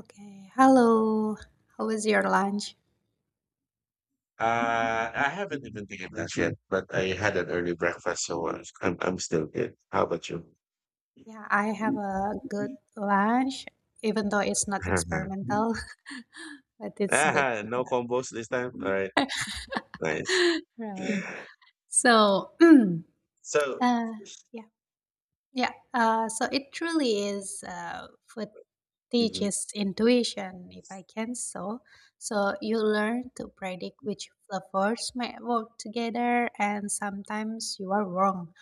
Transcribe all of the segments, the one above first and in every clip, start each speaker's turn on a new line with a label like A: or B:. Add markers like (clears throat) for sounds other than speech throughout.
A: Okay. Hello. How was your lunch?
B: I haven't even taken that yet, but I had an early breakfast, so I'm still good. How about you?
A: Yeah, I have a good lunch, even though it's not
B: (laughs)
A: experimental, (laughs) but it's good.
B: Ah, no combos this time. All right, nice.
A: (laughs) Right. So, (clears throat) uh,
B: So.
A: yeah. Yeah, so it truly is food teaches intuition, if I can so. So you learn to predict which flavors might work together, and sometimes you are wrong.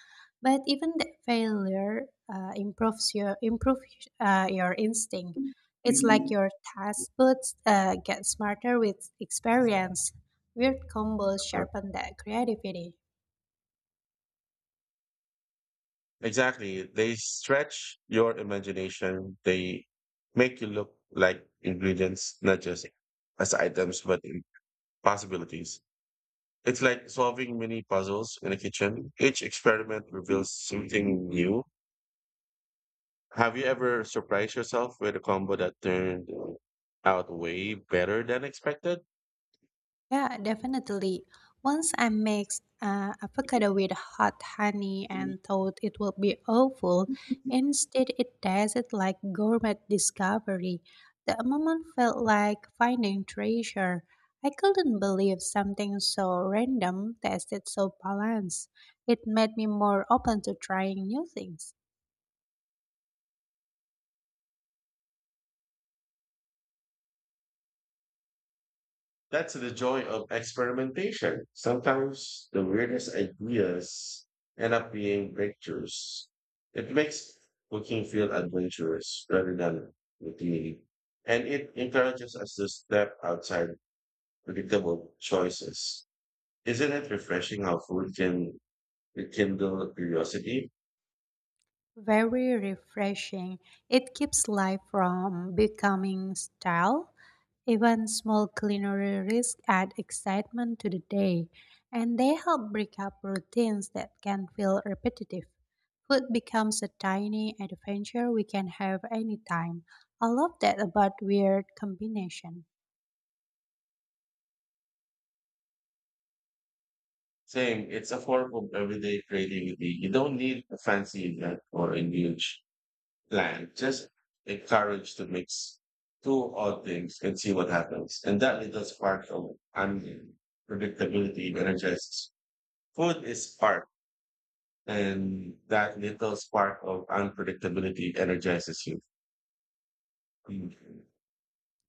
A: But even that failure improves your instinct. It's like
B: Mhm.
A: your taste buds get smarter with experience. Weird combos sharpen that creativity.
B: Exactly, they stretch your imagination. They make you look like ingredients, not just as items, but in possibilities. It's like solving mini puzzles in a kitchen. Each experiment reveals something new. Have you ever surprised yourself with a combo that turned out way better than expected?
A: Yeah, definitely. Once I mixed avocado with hot honey and thought it would be awful. Instead it tasted like gourmet discovery. The moment felt like finding treasure. I couldn't believe something so random tasted so balanced. It made me more open to trying new things.
B: That's the joy of experimentation. Sometimes the weirdest ideas end up being breakthroughs. It makes cooking feel adventurous rather than routine. And it encourages us to step outside predictable choices. Isn't it refreshing how food can rekindle curiosity?
A: Very refreshing. It keeps life from becoming stale. Even small culinary risks add excitement to the day, and they help break up routines that can feel repetitive. Food becomes a tiny adventure we can have anytime. I love that about weird combination.
B: Same. It's a form of everyday creativity. You don't need a fancy event or a huge plan. Just the courage to mix two odd things and see what happens. And that little spark of unpredictability energizes. Food is spark, and that little spark of unpredictability energizes you. Mm.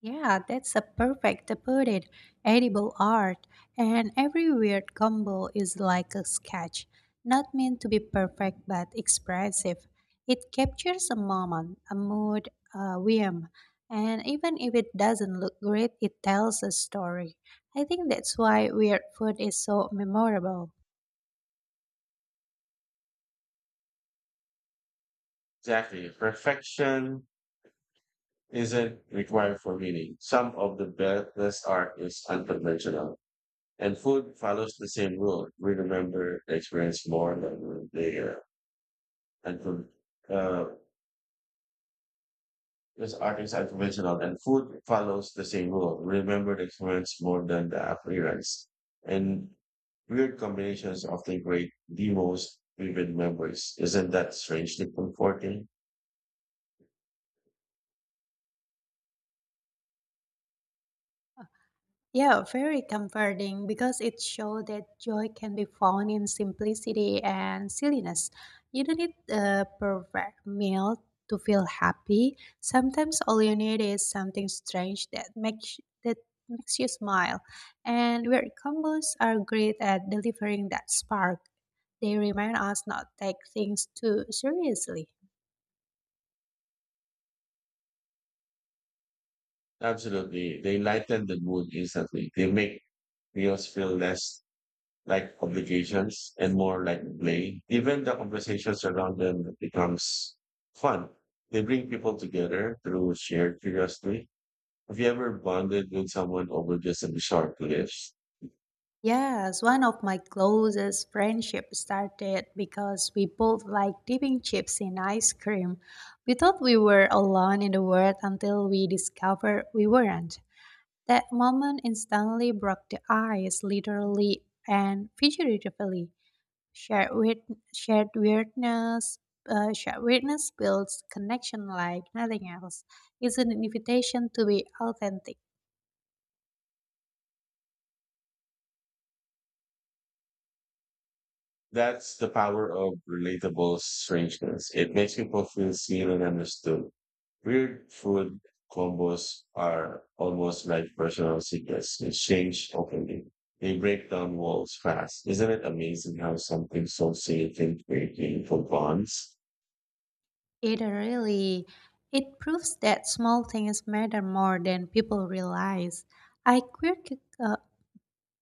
A: Yeah, that's a perfect to put it. Edible art, and every weird combo is like a sketch, not meant to be perfect but expressive. It captures a moment, a mood, a whim, and even if it doesn't look great, it tells a story. I think that's why weird food is so memorable.
B: Exactly. Perfection isn't required for meaning. Some of the best art is unconventional. And food follows the same rule. We remember the experience more than the and food. Uh, this artist and conventional and food follows the same rule. Remember the experience more than the appearance. And weird combinations often create the most vivid memories. Isn't that strangely comforting?
A: Yeah, very comforting because it shows that joy can be found in simplicity and silliness. You don't need a perfect meal to feel happy. Sometimes all you need is something strange that makes you smile. And weird combos are great at delivering that spark. They remind us not to take things too seriously.
B: Absolutely. They lighten the mood instantly. They make videos feel less like obligations and more like play. Even the conversations around them becomes fun. They bring people together through shared curiosity. Have you ever bonded with someone over just a short clip?
A: Yes, one of my closest friendships started because we both liked dipping chips in ice cream. We thought we were alone in the world until we discovered we weren't. That moment instantly broke the ice, literally and figuratively. Shared, weird, shared weirdness, shared weirdness builds connection like nothing else. It's an invitation to be authentic.
B: That's the power of relatable strangeness. It makes people feel seen and understood. Weird food combos are almost like personal secrets. Exchange openly. They break down walls fast. Isn't it amazing how something so silly can create meaningful bonds?
A: It really it proves that small things matter more than people realize. I quirky uh,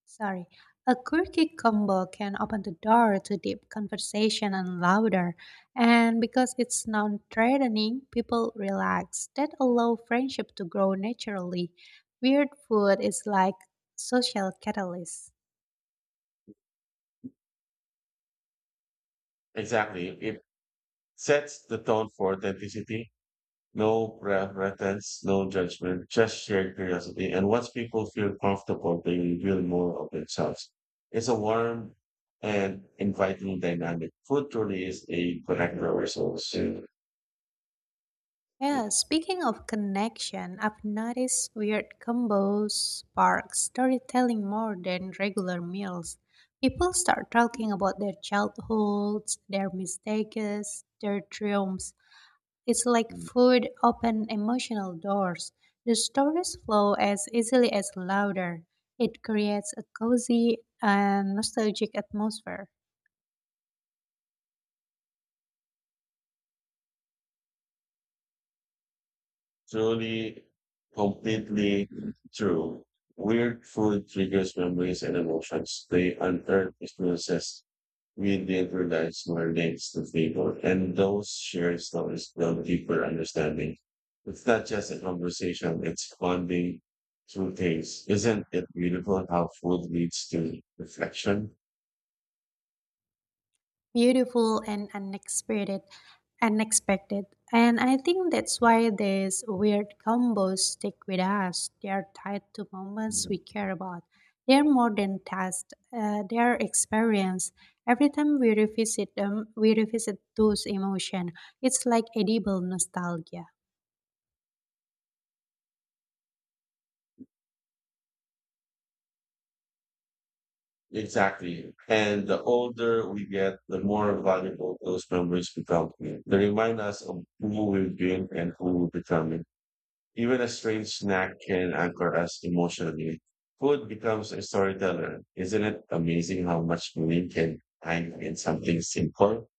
A: sorry, a quirky combo can open the door to deep conversation and louder. And because it's non-threatening, people relax. That allow friendship to grow naturally. Weird food is like social catalyst.
B: Exactly. It sets the tone for authenticity. No pretense, no judgment, just shared curiosity. And once people feel comfortable, they reveal more of themselves. It's a warm and inviting dynamic. Food truly is a connector resource.
A: Yeah, speaking of connection, I've noticed weird combos spark storytelling more than regular meals. People start talking about their childhoods, their mistakes, their triumphs. It's like food open emotional doors. The stories flow as easily as louder. It creates a cozy and nostalgic atmosphere.
B: Truly, completely true. Weird food triggers memories and emotions. They unearth experiences. We did realize more names to people, and those shared stories build deeper understanding. It's not just a conversation, it's bonding through things. Isn't it beautiful how food leads to reflection?
A: Beautiful and unexpected, and I think that's why these weird combos stick with us. They are tied to moments we
B: Mhm.
A: care about. They're more than tasks, they're experience. Every time we revisit them, we revisit those emotions. It's like edible nostalgia.
B: Exactly. And the older we get, the more valuable those memories become. They remind us of who we've been and who we're becoming. Even a strange snack can anchor us emotionally. Food becomes a storyteller. Isn't it amazing how much meaning can hide in something simple?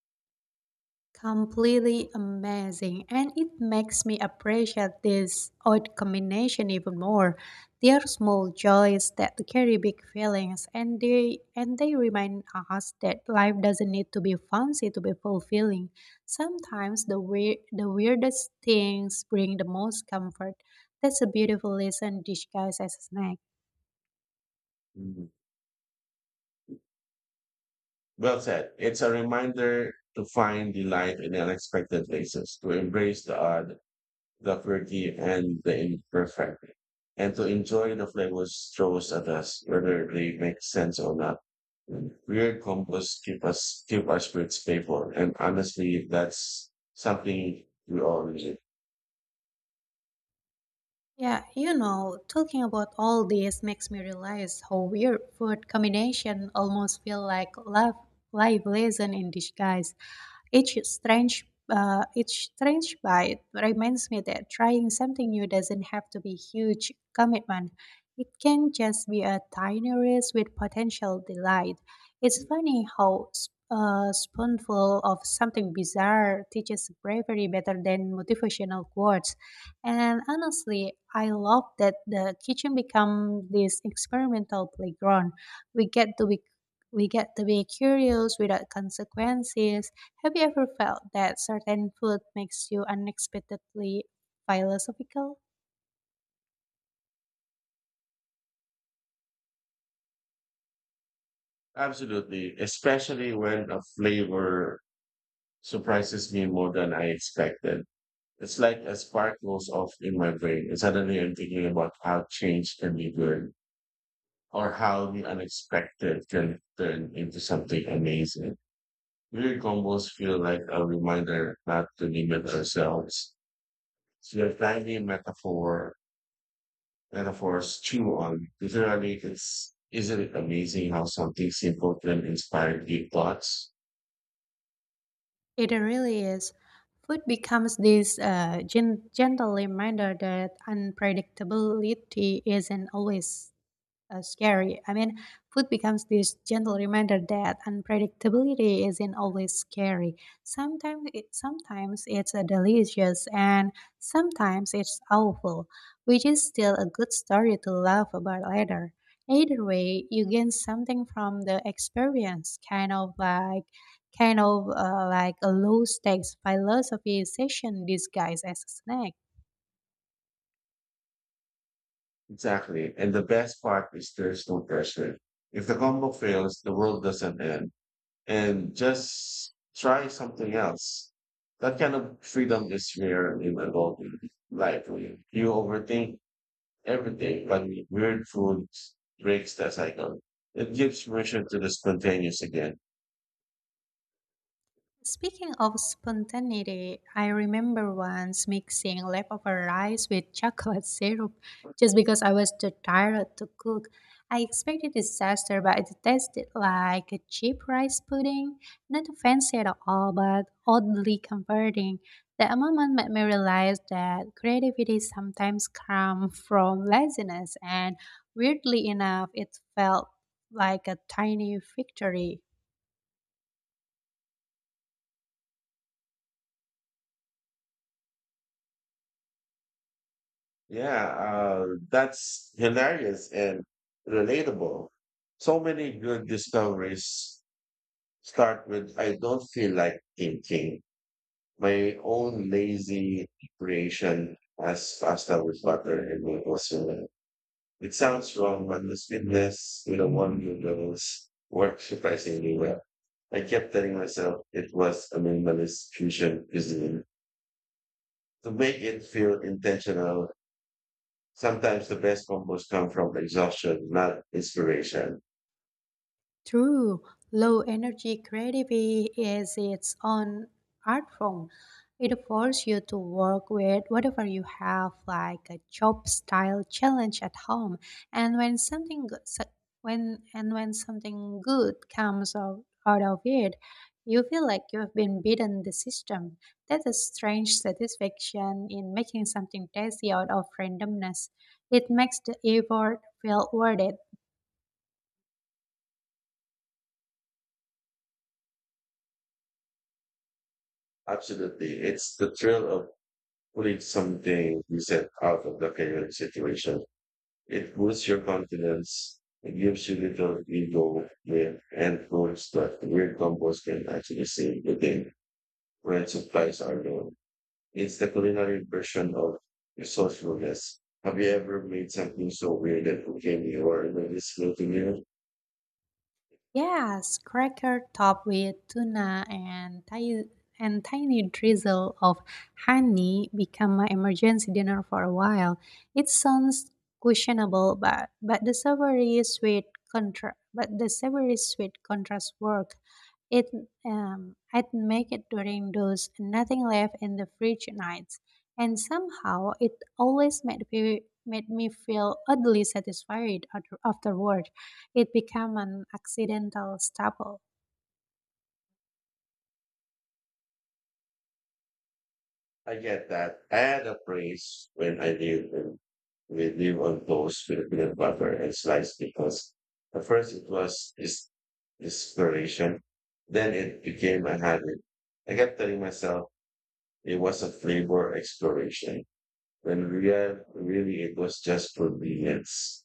A: Completely amazing, and it makes me appreciate this odd combination even more. They are small joys that carry big feelings, and they remind us that life doesn't need to be fancy to be fulfilling. Sometimes the weirdest things bring the most comfort. That's a beautiful lesson disguised as a snack.
B: Mm. Well said. It's a reminder to find delight in unexpected places, to embrace the odd, the quirky and the imperfect, and to enjoy the flavors throws at us, whether they make sense or not. Weird combos keep us Keep our spirits playful, and honestly, that's something we all need.
A: Yeah, talking about all this makes me realize how weird food combination almost feel like love life lesson in disguise. Each strange bite reminds me that trying something new doesn't have to be huge commitment. It can just be a tiny risk with potential delight. It's funny how a spoonful of something bizarre teaches bravery better than motivational quotes. And honestly, I love that the kitchen becomes this experimental playground. We get to be we get to be curious without consequences. Have you ever felt that certain food makes you unexpectedly philosophical?
B: Absolutely, especially when a flavor surprises me more than I expected. It's like a spark goes off in my brain, and suddenly I'm thinking about how change can be good, or how the unexpected can turn into something amazing. Weird combos feel like a reminder not to limit ourselves. So your tiny metaphors chew on. Literally, isn't it amazing how something simple can inspire deep thoughts?
A: It really is. Food becomes this gentle reminder that unpredictability isn't always scary. I mean, food becomes this gentle reminder that unpredictability isn't always scary. Sometimes, it's delicious, and sometimes it's awful, which is still a good story to laugh about later. Either way, you gain something from the experience, kind of like a low stakes philosophy session disguised as a snack.
B: Exactly. And the best part is there's no pressure. If the combo fails, the world doesn't end. And just try something else. That kind of freedom is rare in adult life. You overthink everything, but weird food breaks that cycle. It gives permission to the spontaneous again.
A: Speaking of spontaneity, I remember once mixing leftover rice with chocolate syrup just because I was too tired to cook. I expected disaster, but it tasted like a cheap rice pudding. Not fancy at all, but oddly comforting. That moment made me realize that creativity sometimes comes from laziness, and weirdly enough, it felt like a tiny victory.
B: Yeah, that's hilarious and relatable. So many good discoveries start with I don't feel like thinking. My own lazy creation as pasta with butter and it was it sounds wrong, but the sweetness to the one who knows worked surprisingly well. I kept telling myself it was a minimalist fusion cuisine to make it feel intentional. Sometimes the best combos come from exhaustion, not inspiration.
A: True, low energy creativity is its own art form. It forces you to work with whatever you have, like a job style challenge at home. And when something go- so- and when something good comes out of it, you feel like you have been beaten the system. That's a strange satisfaction in making something tasty out of randomness. It makes the effort feel worth it.
B: Absolutely. It's the thrill of pulling something you said out of the chaotic situation. It boosts your confidence. It gives you little ego with and proves that weird combos can actually save the day when supplies are low. It's the culinary version of resourcefulness. Have you ever made something so weird that became your noticeable to you?
A: Yes, cracker topped with tuna and tiny drizzle of honey become my emergency dinner for a while. It sounds questionable, but the savory sweet contrast work. It I'd make it during those nothing left in the fridge nights, and somehow it always made me feel oddly satisfied afterward. It became an accidental staple.
B: I get that. I had a praise when I lived in, we live on toast with peanut butter and slice because at first it was this inspiration. Then it became a habit. I kept telling myself it was a flavor exploration when really it was just convenience.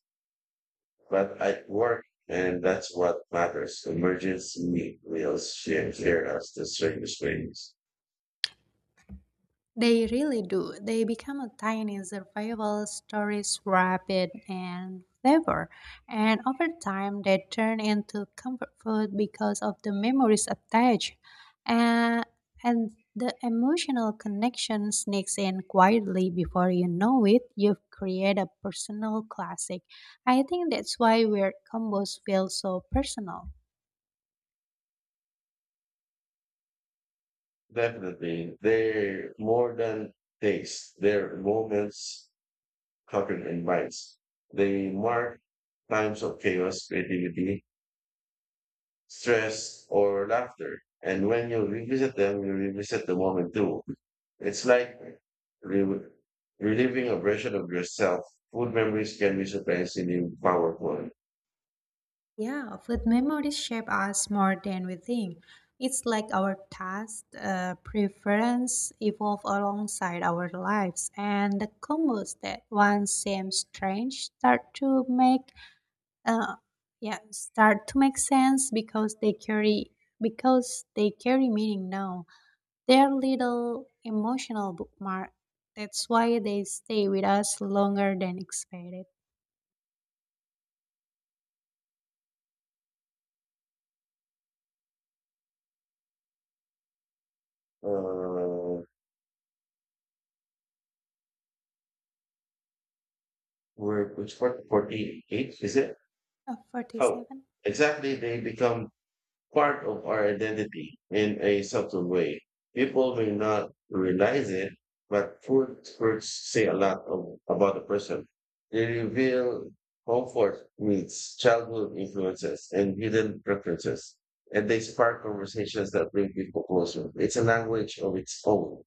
B: But I work and that's what matters. Emergency share us the service ways.
A: They really do. They become a tiny survival stories rapid and flavor. And over time they turn into comfort food because of the memories attached. And and the emotional connection sneaks in quietly. Before you know it, you've created a personal classic. I think that's why weird combos feel so personal.
B: Definitely. They're more than days. They're moments covered in minds. They mark times of chaos, creativity, stress, or laughter. And when you revisit them, you revisit the moment too. It's like re- reliving a version of yourself. Food memories can be surprisingly powerful.
A: Yeah, food memories shape us more than we think. It's like our taste, preference evolve alongside our lives, and the combos that once seemed strange uh, yeah, start to make sense because they carry meaning now. They're little emotional bookmark. That's why they stay with us longer than expected.
B: Uh, which part? 48, is it? Oh,
A: 47.
B: exactly. They become part of our identity in a subtle way. People may not realize it, but food first say a about a person. They reveal comfort needs, childhood influences, and hidden preferences. And they spark conversations that bring people closer. It's a language of its own.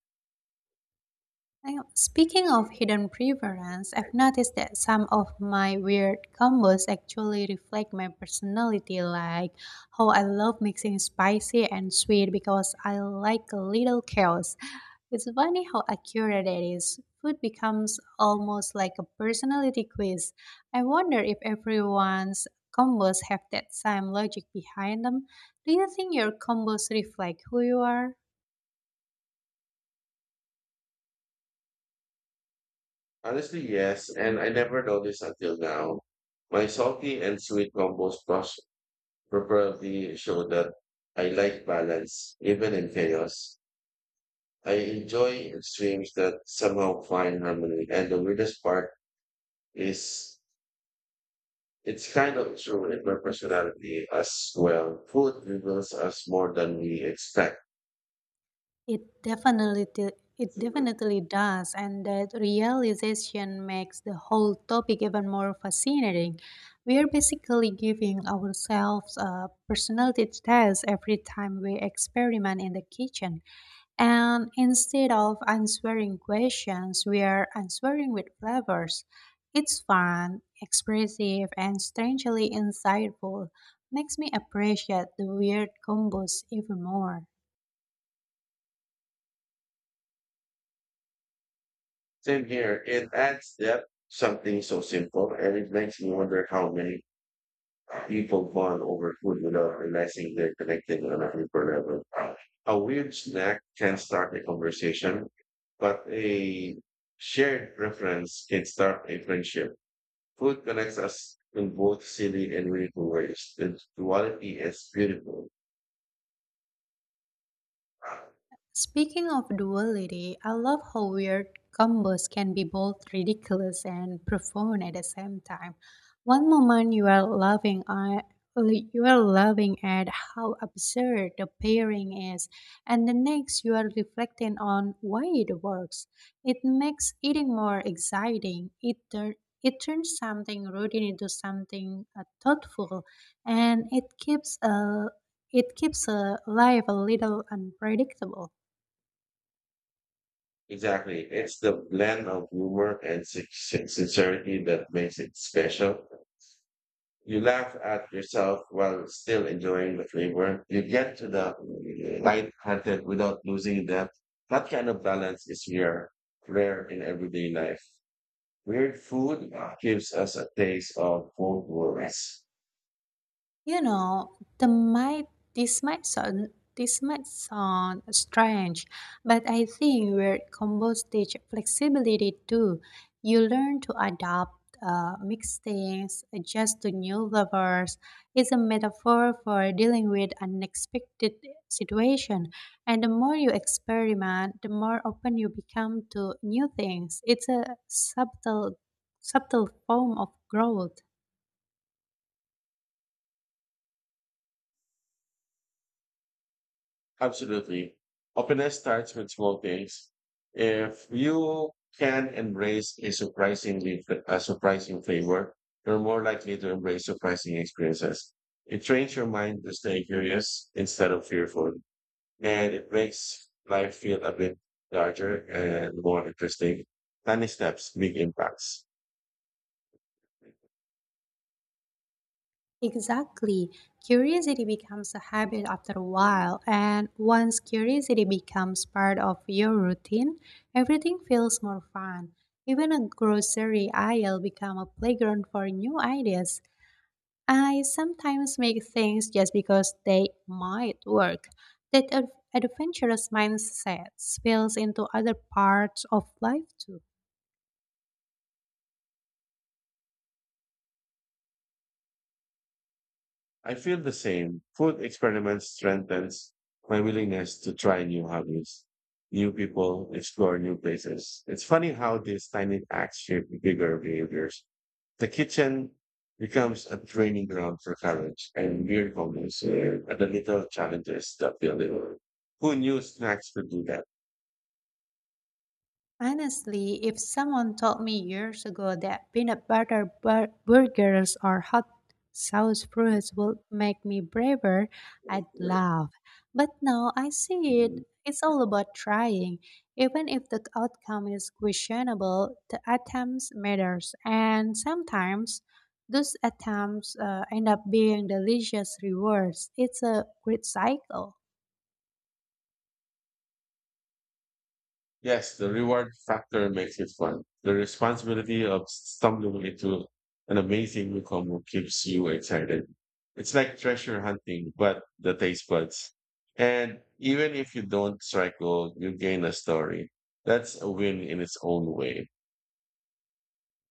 A: Now, speaking of hidden preference, I've noticed that some of my weird combos actually reflect my personality, like how I love mixing spicy and sweet because I like a little chaos. It's funny how accurate it is. Food becomes almost like a personality quiz. I wonder if everyone's combos have that same logic behind them. Do you think your combos reflect who you are?
B: Honestly, yes, and I never noticed until now. My salty and sweet combos probably show that I like balance, even in chaos. I enjoy extremes that somehow find harmony. And the weirdest part is it's kind of true in my personality as well. Food reveals us more than we expect.
A: It definitely d- it definitely does, and that realization makes the whole topic even more fascinating. We are basically giving ourselves a personality test every time we experiment in the kitchen, and instead of answering questions, we are answering with flavors. It's fun, expressive, and strangely insightful. Makes me appreciate the weird combos even more.
B: Same here. It adds depth, something so simple, and it makes me wonder how many people bond over food without realizing they're connected on a deeper level. A weird snack can start a conversation, but a shared reference can start a friendship. Food connects us in both silly and meaningful ways. The duality is beautiful.
A: Speaking of duality, I love how weird combos can be both ridiculous and profound at the same time. One moment you are laughing at you are laughing at how absurd the pairing is, and the next you are reflecting on why it works. It makes eating more exciting. It turns something routine into something thoughtful, and it keeps life a little unpredictable.
B: Exactly. It's the blend of humor and sincerity that makes it special. You laugh at yourself while still enjoying the flavor. You get to the light-hearted without losing depth. That kind of balance is rare in everyday life. Weird food gives us a taste of both worlds.
A: You know, the might this might sound this might sound strange, but I think where combos teach flexibility too. You learn to adapt, mix things, adjust to new levels. It's a metaphor for dealing with unexpected situation. And the more you experiment, the more open you become to new things. It's a subtle form of growth.
B: Absolutely. Openness starts with small things. If you can embrace a surprising flavor, you're more likely to embrace surprising experiences. It trains your mind to stay curious instead of fearful, and it makes life feel a bit larger and more interesting. Tiny steps, big impacts.
A: Exactly. Curiosity becomes a habit after a while, and once curiosity becomes part of your routine, everything feels more fun. Even a grocery aisle becomes a playground for new ideas. I sometimes make things just because they might work. That adventurous mindset spills into other parts of life too.
B: I feel the same. Food experiments strengthens my willingness to try new hobbies, new people, explore new places. It's funny how these tiny acts shape bigger behaviors. The kitchen becomes a training ground for courage and weird moments and the little challenges that build it. Who knew snacks could do that?
A: Honestly, if someone told me years ago that peanut butter burgers or hot sauce fruits would make me braver, I'd laugh. But now I see it.
B: Mhm.
A: It's all about trying. Even if the outcome is questionable, the attempts matters, and sometimes those attempts end up being delicious rewards. It's a great cycle.
B: Yes, the reward factor makes it fun. The responsibility of stumbling into an amazing newcomer keeps you excited. It's like treasure hunting, but the taste buds. And even if you don't strike gold, you gain a story. That's a win in its own way.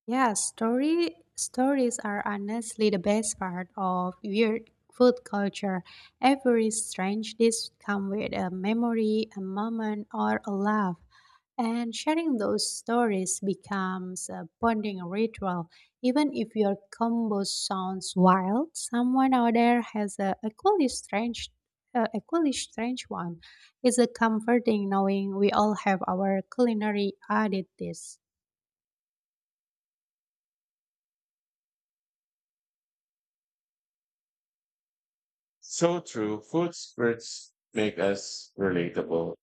A: Yeah, story stories are honestly the best part of weird food culture. Every strange dish comes with a memory, a moment, or a laugh. And sharing those stories becomes a bonding ritual. Even if your combo sounds wild, someone out there has a equally strange one. It's a comforting knowing we all have our culinary oddities.
B: So true. Food spirits make us relatable.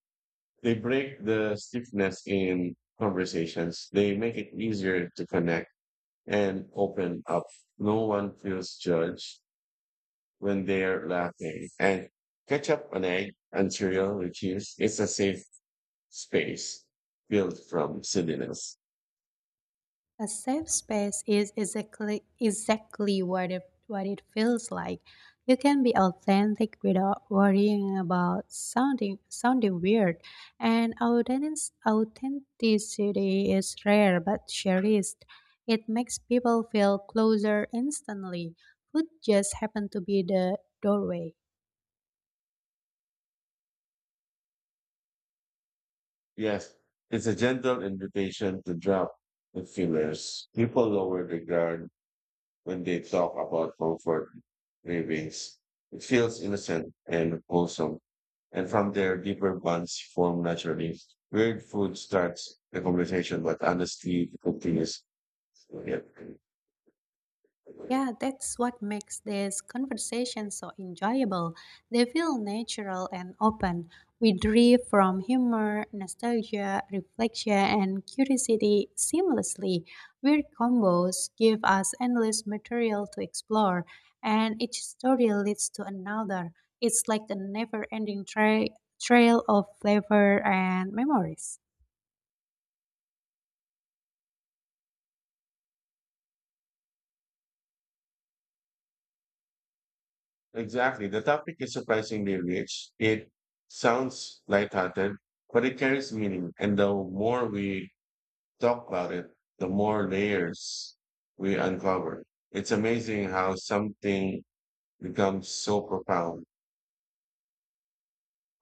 B: They break the stiffness in conversations. They make it easier to connect and open up. No one feels judged when they're laughing. And catch up an egg until refuse. It's a safe space built from silliness.
A: A safe space is exactly what it feels like. You can be authentic without worrying about sounding weird. And authenticity is rare but cherished. It makes people feel closer instantly. Food just happened to be the doorway.
B: Yes, it's a gentle invitation to drop the fillers. People lower the guard when they talk about comfort cravings. It feels innocent and wholesome, and from there, deeper bonds form naturally. Weird food starts the conversation, but honestly, it continues. Yep.
A: Yeah, that's what makes these conversations so enjoyable. They feel natural and open. We drift from humor, nostalgia, reflection, and curiosity seamlessly. Weird combos give us endless material to explore, and each story leads to another. It's like a never ending trail of flavor and memories.
B: Exactly. The topic is surprisingly rich. It sounds lighthearted, but it carries meaning. And the more we talk about it, the more layers we uncover. It's amazing how something becomes so profound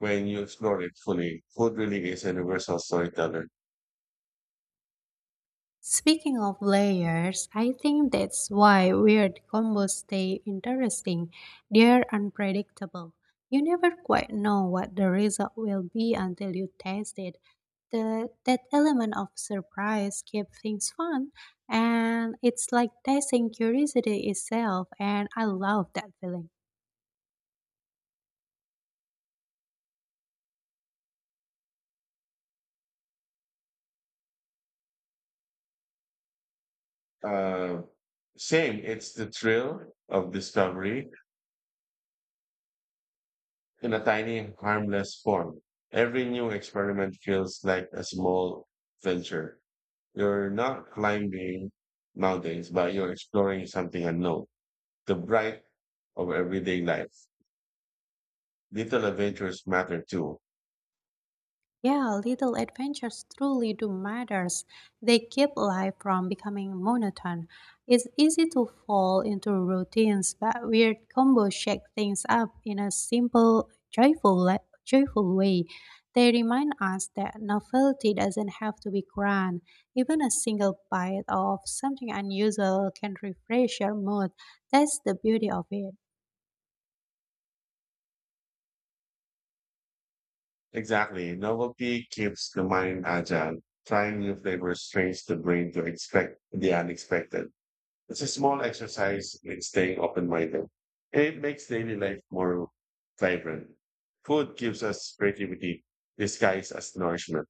B: when you explore it fully. Food really is a universal storyteller.
A: Speaking of layers, I think that's why weird combos stay interesting. They're unpredictable. You never quite know what the result will be until you taste it. That element of surprise keeps things fun, and it's like tasting curiosity itself, and I love that feeling.
B: Uh, Same, it's the thrill of discovery in a tiny, harmless form. Every new experiment feels like a small venture. You're not climbing mountains, but you're exploring something unknown. The bright of everyday life. Little adventures matter too.
A: Yeah, little adventures truly do matters. They keep life from becoming monotone. It's easy to fall into routines, but weird combos shake things up in a simple, joyful, joyful way. They remind us that novelty doesn't have to be grand. Even a single bite of something unusual can refresh your mood. That's the beauty of it.
B: Exactly. Novelty keeps the mind agile. Trying new flavors trains the brain to expect the unexpected. It's a small exercise in staying open minded. It makes daily life more vibrant. Food gives us creativity disguised as nourishment.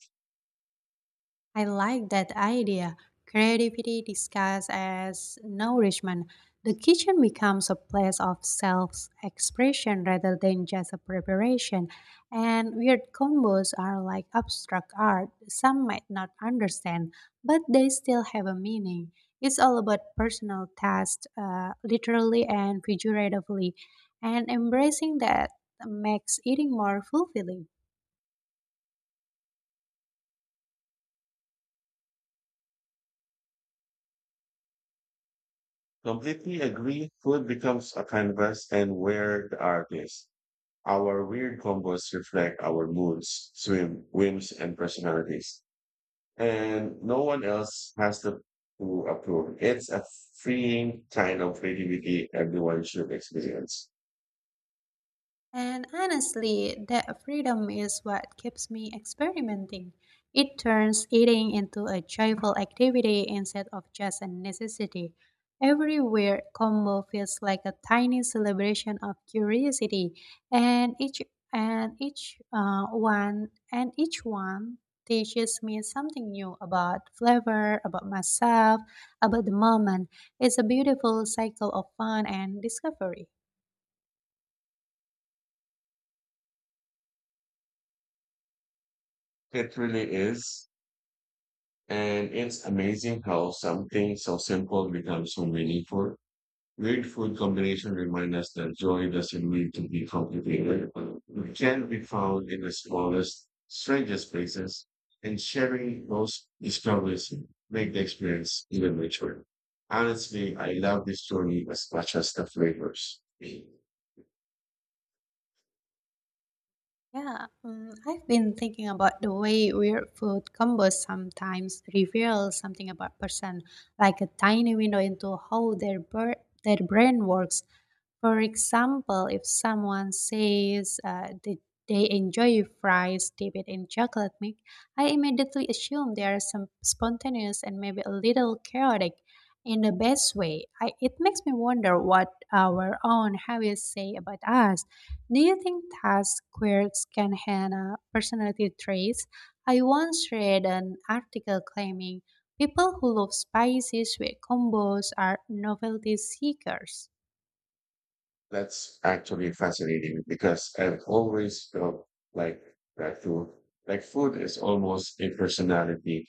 A: I like that idea. Creativity disguised as nourishment. The kitchen becomes a place of self expression rather than just a preparation. And weird combos are like abstract art. Some might not understand, but they still have a meaning. It's all about personal taste, literally and figuratively. And embracing that makes eating more fulfilling.
B: Completely agree. Food becomes a canvas and where the art is. Our weird combos reflect our moods, swim, whims, and personalities. And no one else to approve. It's a freeing kind of creativity everyone should experience.
A: And honestly, that freedom is what keeps me experimenting. It turns eating into a joyful activity instead of just a necessity. Every weird combo feels like a tiny celebration of curiosity, and each one teaches me something new about flavor, about myself, about the moment. It's a beautiful cycle of fun and discovery.
B: It really is. And it's amazing how something so simple becomes so meaningful. Great food combinations remind us that joy doesn't need to be complicated. It can be found in the smallest, strangest places, and sharing those discoveries make the experience even richer. Honestly, I love this journey as much as the flavors.
A: Yeah, I've been thinking about the way weird food combos sometimes reveal something about person, like a tiny window into how their their brain works. For example, if someone says they enjoy fries dipped in chocolate milk, I immediately assume they are some spontaneous and maybe a little chaotic in the best way. It makes me wonder what our own habits say about us. Do you think task quirks can handle personality traits? I once read an article claiming people who love spices with combos are novelty seekers.
B: That's actually fascinating because I've always felt like that food, food is almost a personality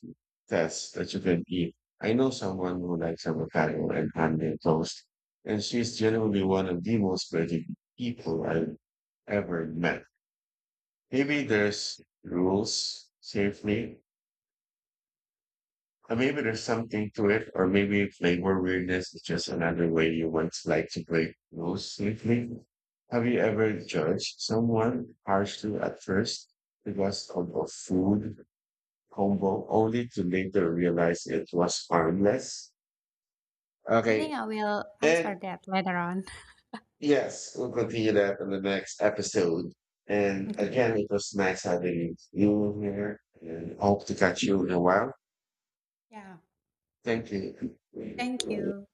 B: test that you can eat. I know someone who likes avocado and handmade toast, and she's generally one of the most veggie people I've ever met. Maybe there's rules safely and maybe there's something to it, or maybe flavor weirdness is just another way you once like to break rules swiftly. Have you ever judged someone harshly at first because of a food combo, only to later realize it was harmless?
A: I
B: Okay.
A: think I will
B: And
A: answer that later on.
B: yes, we'll continue that in the next episode. And
A: (laughs)
B: again, it was nice having you here and hope to catch you in a while.
A: Yeah,
B: Thank you.
A: thank you.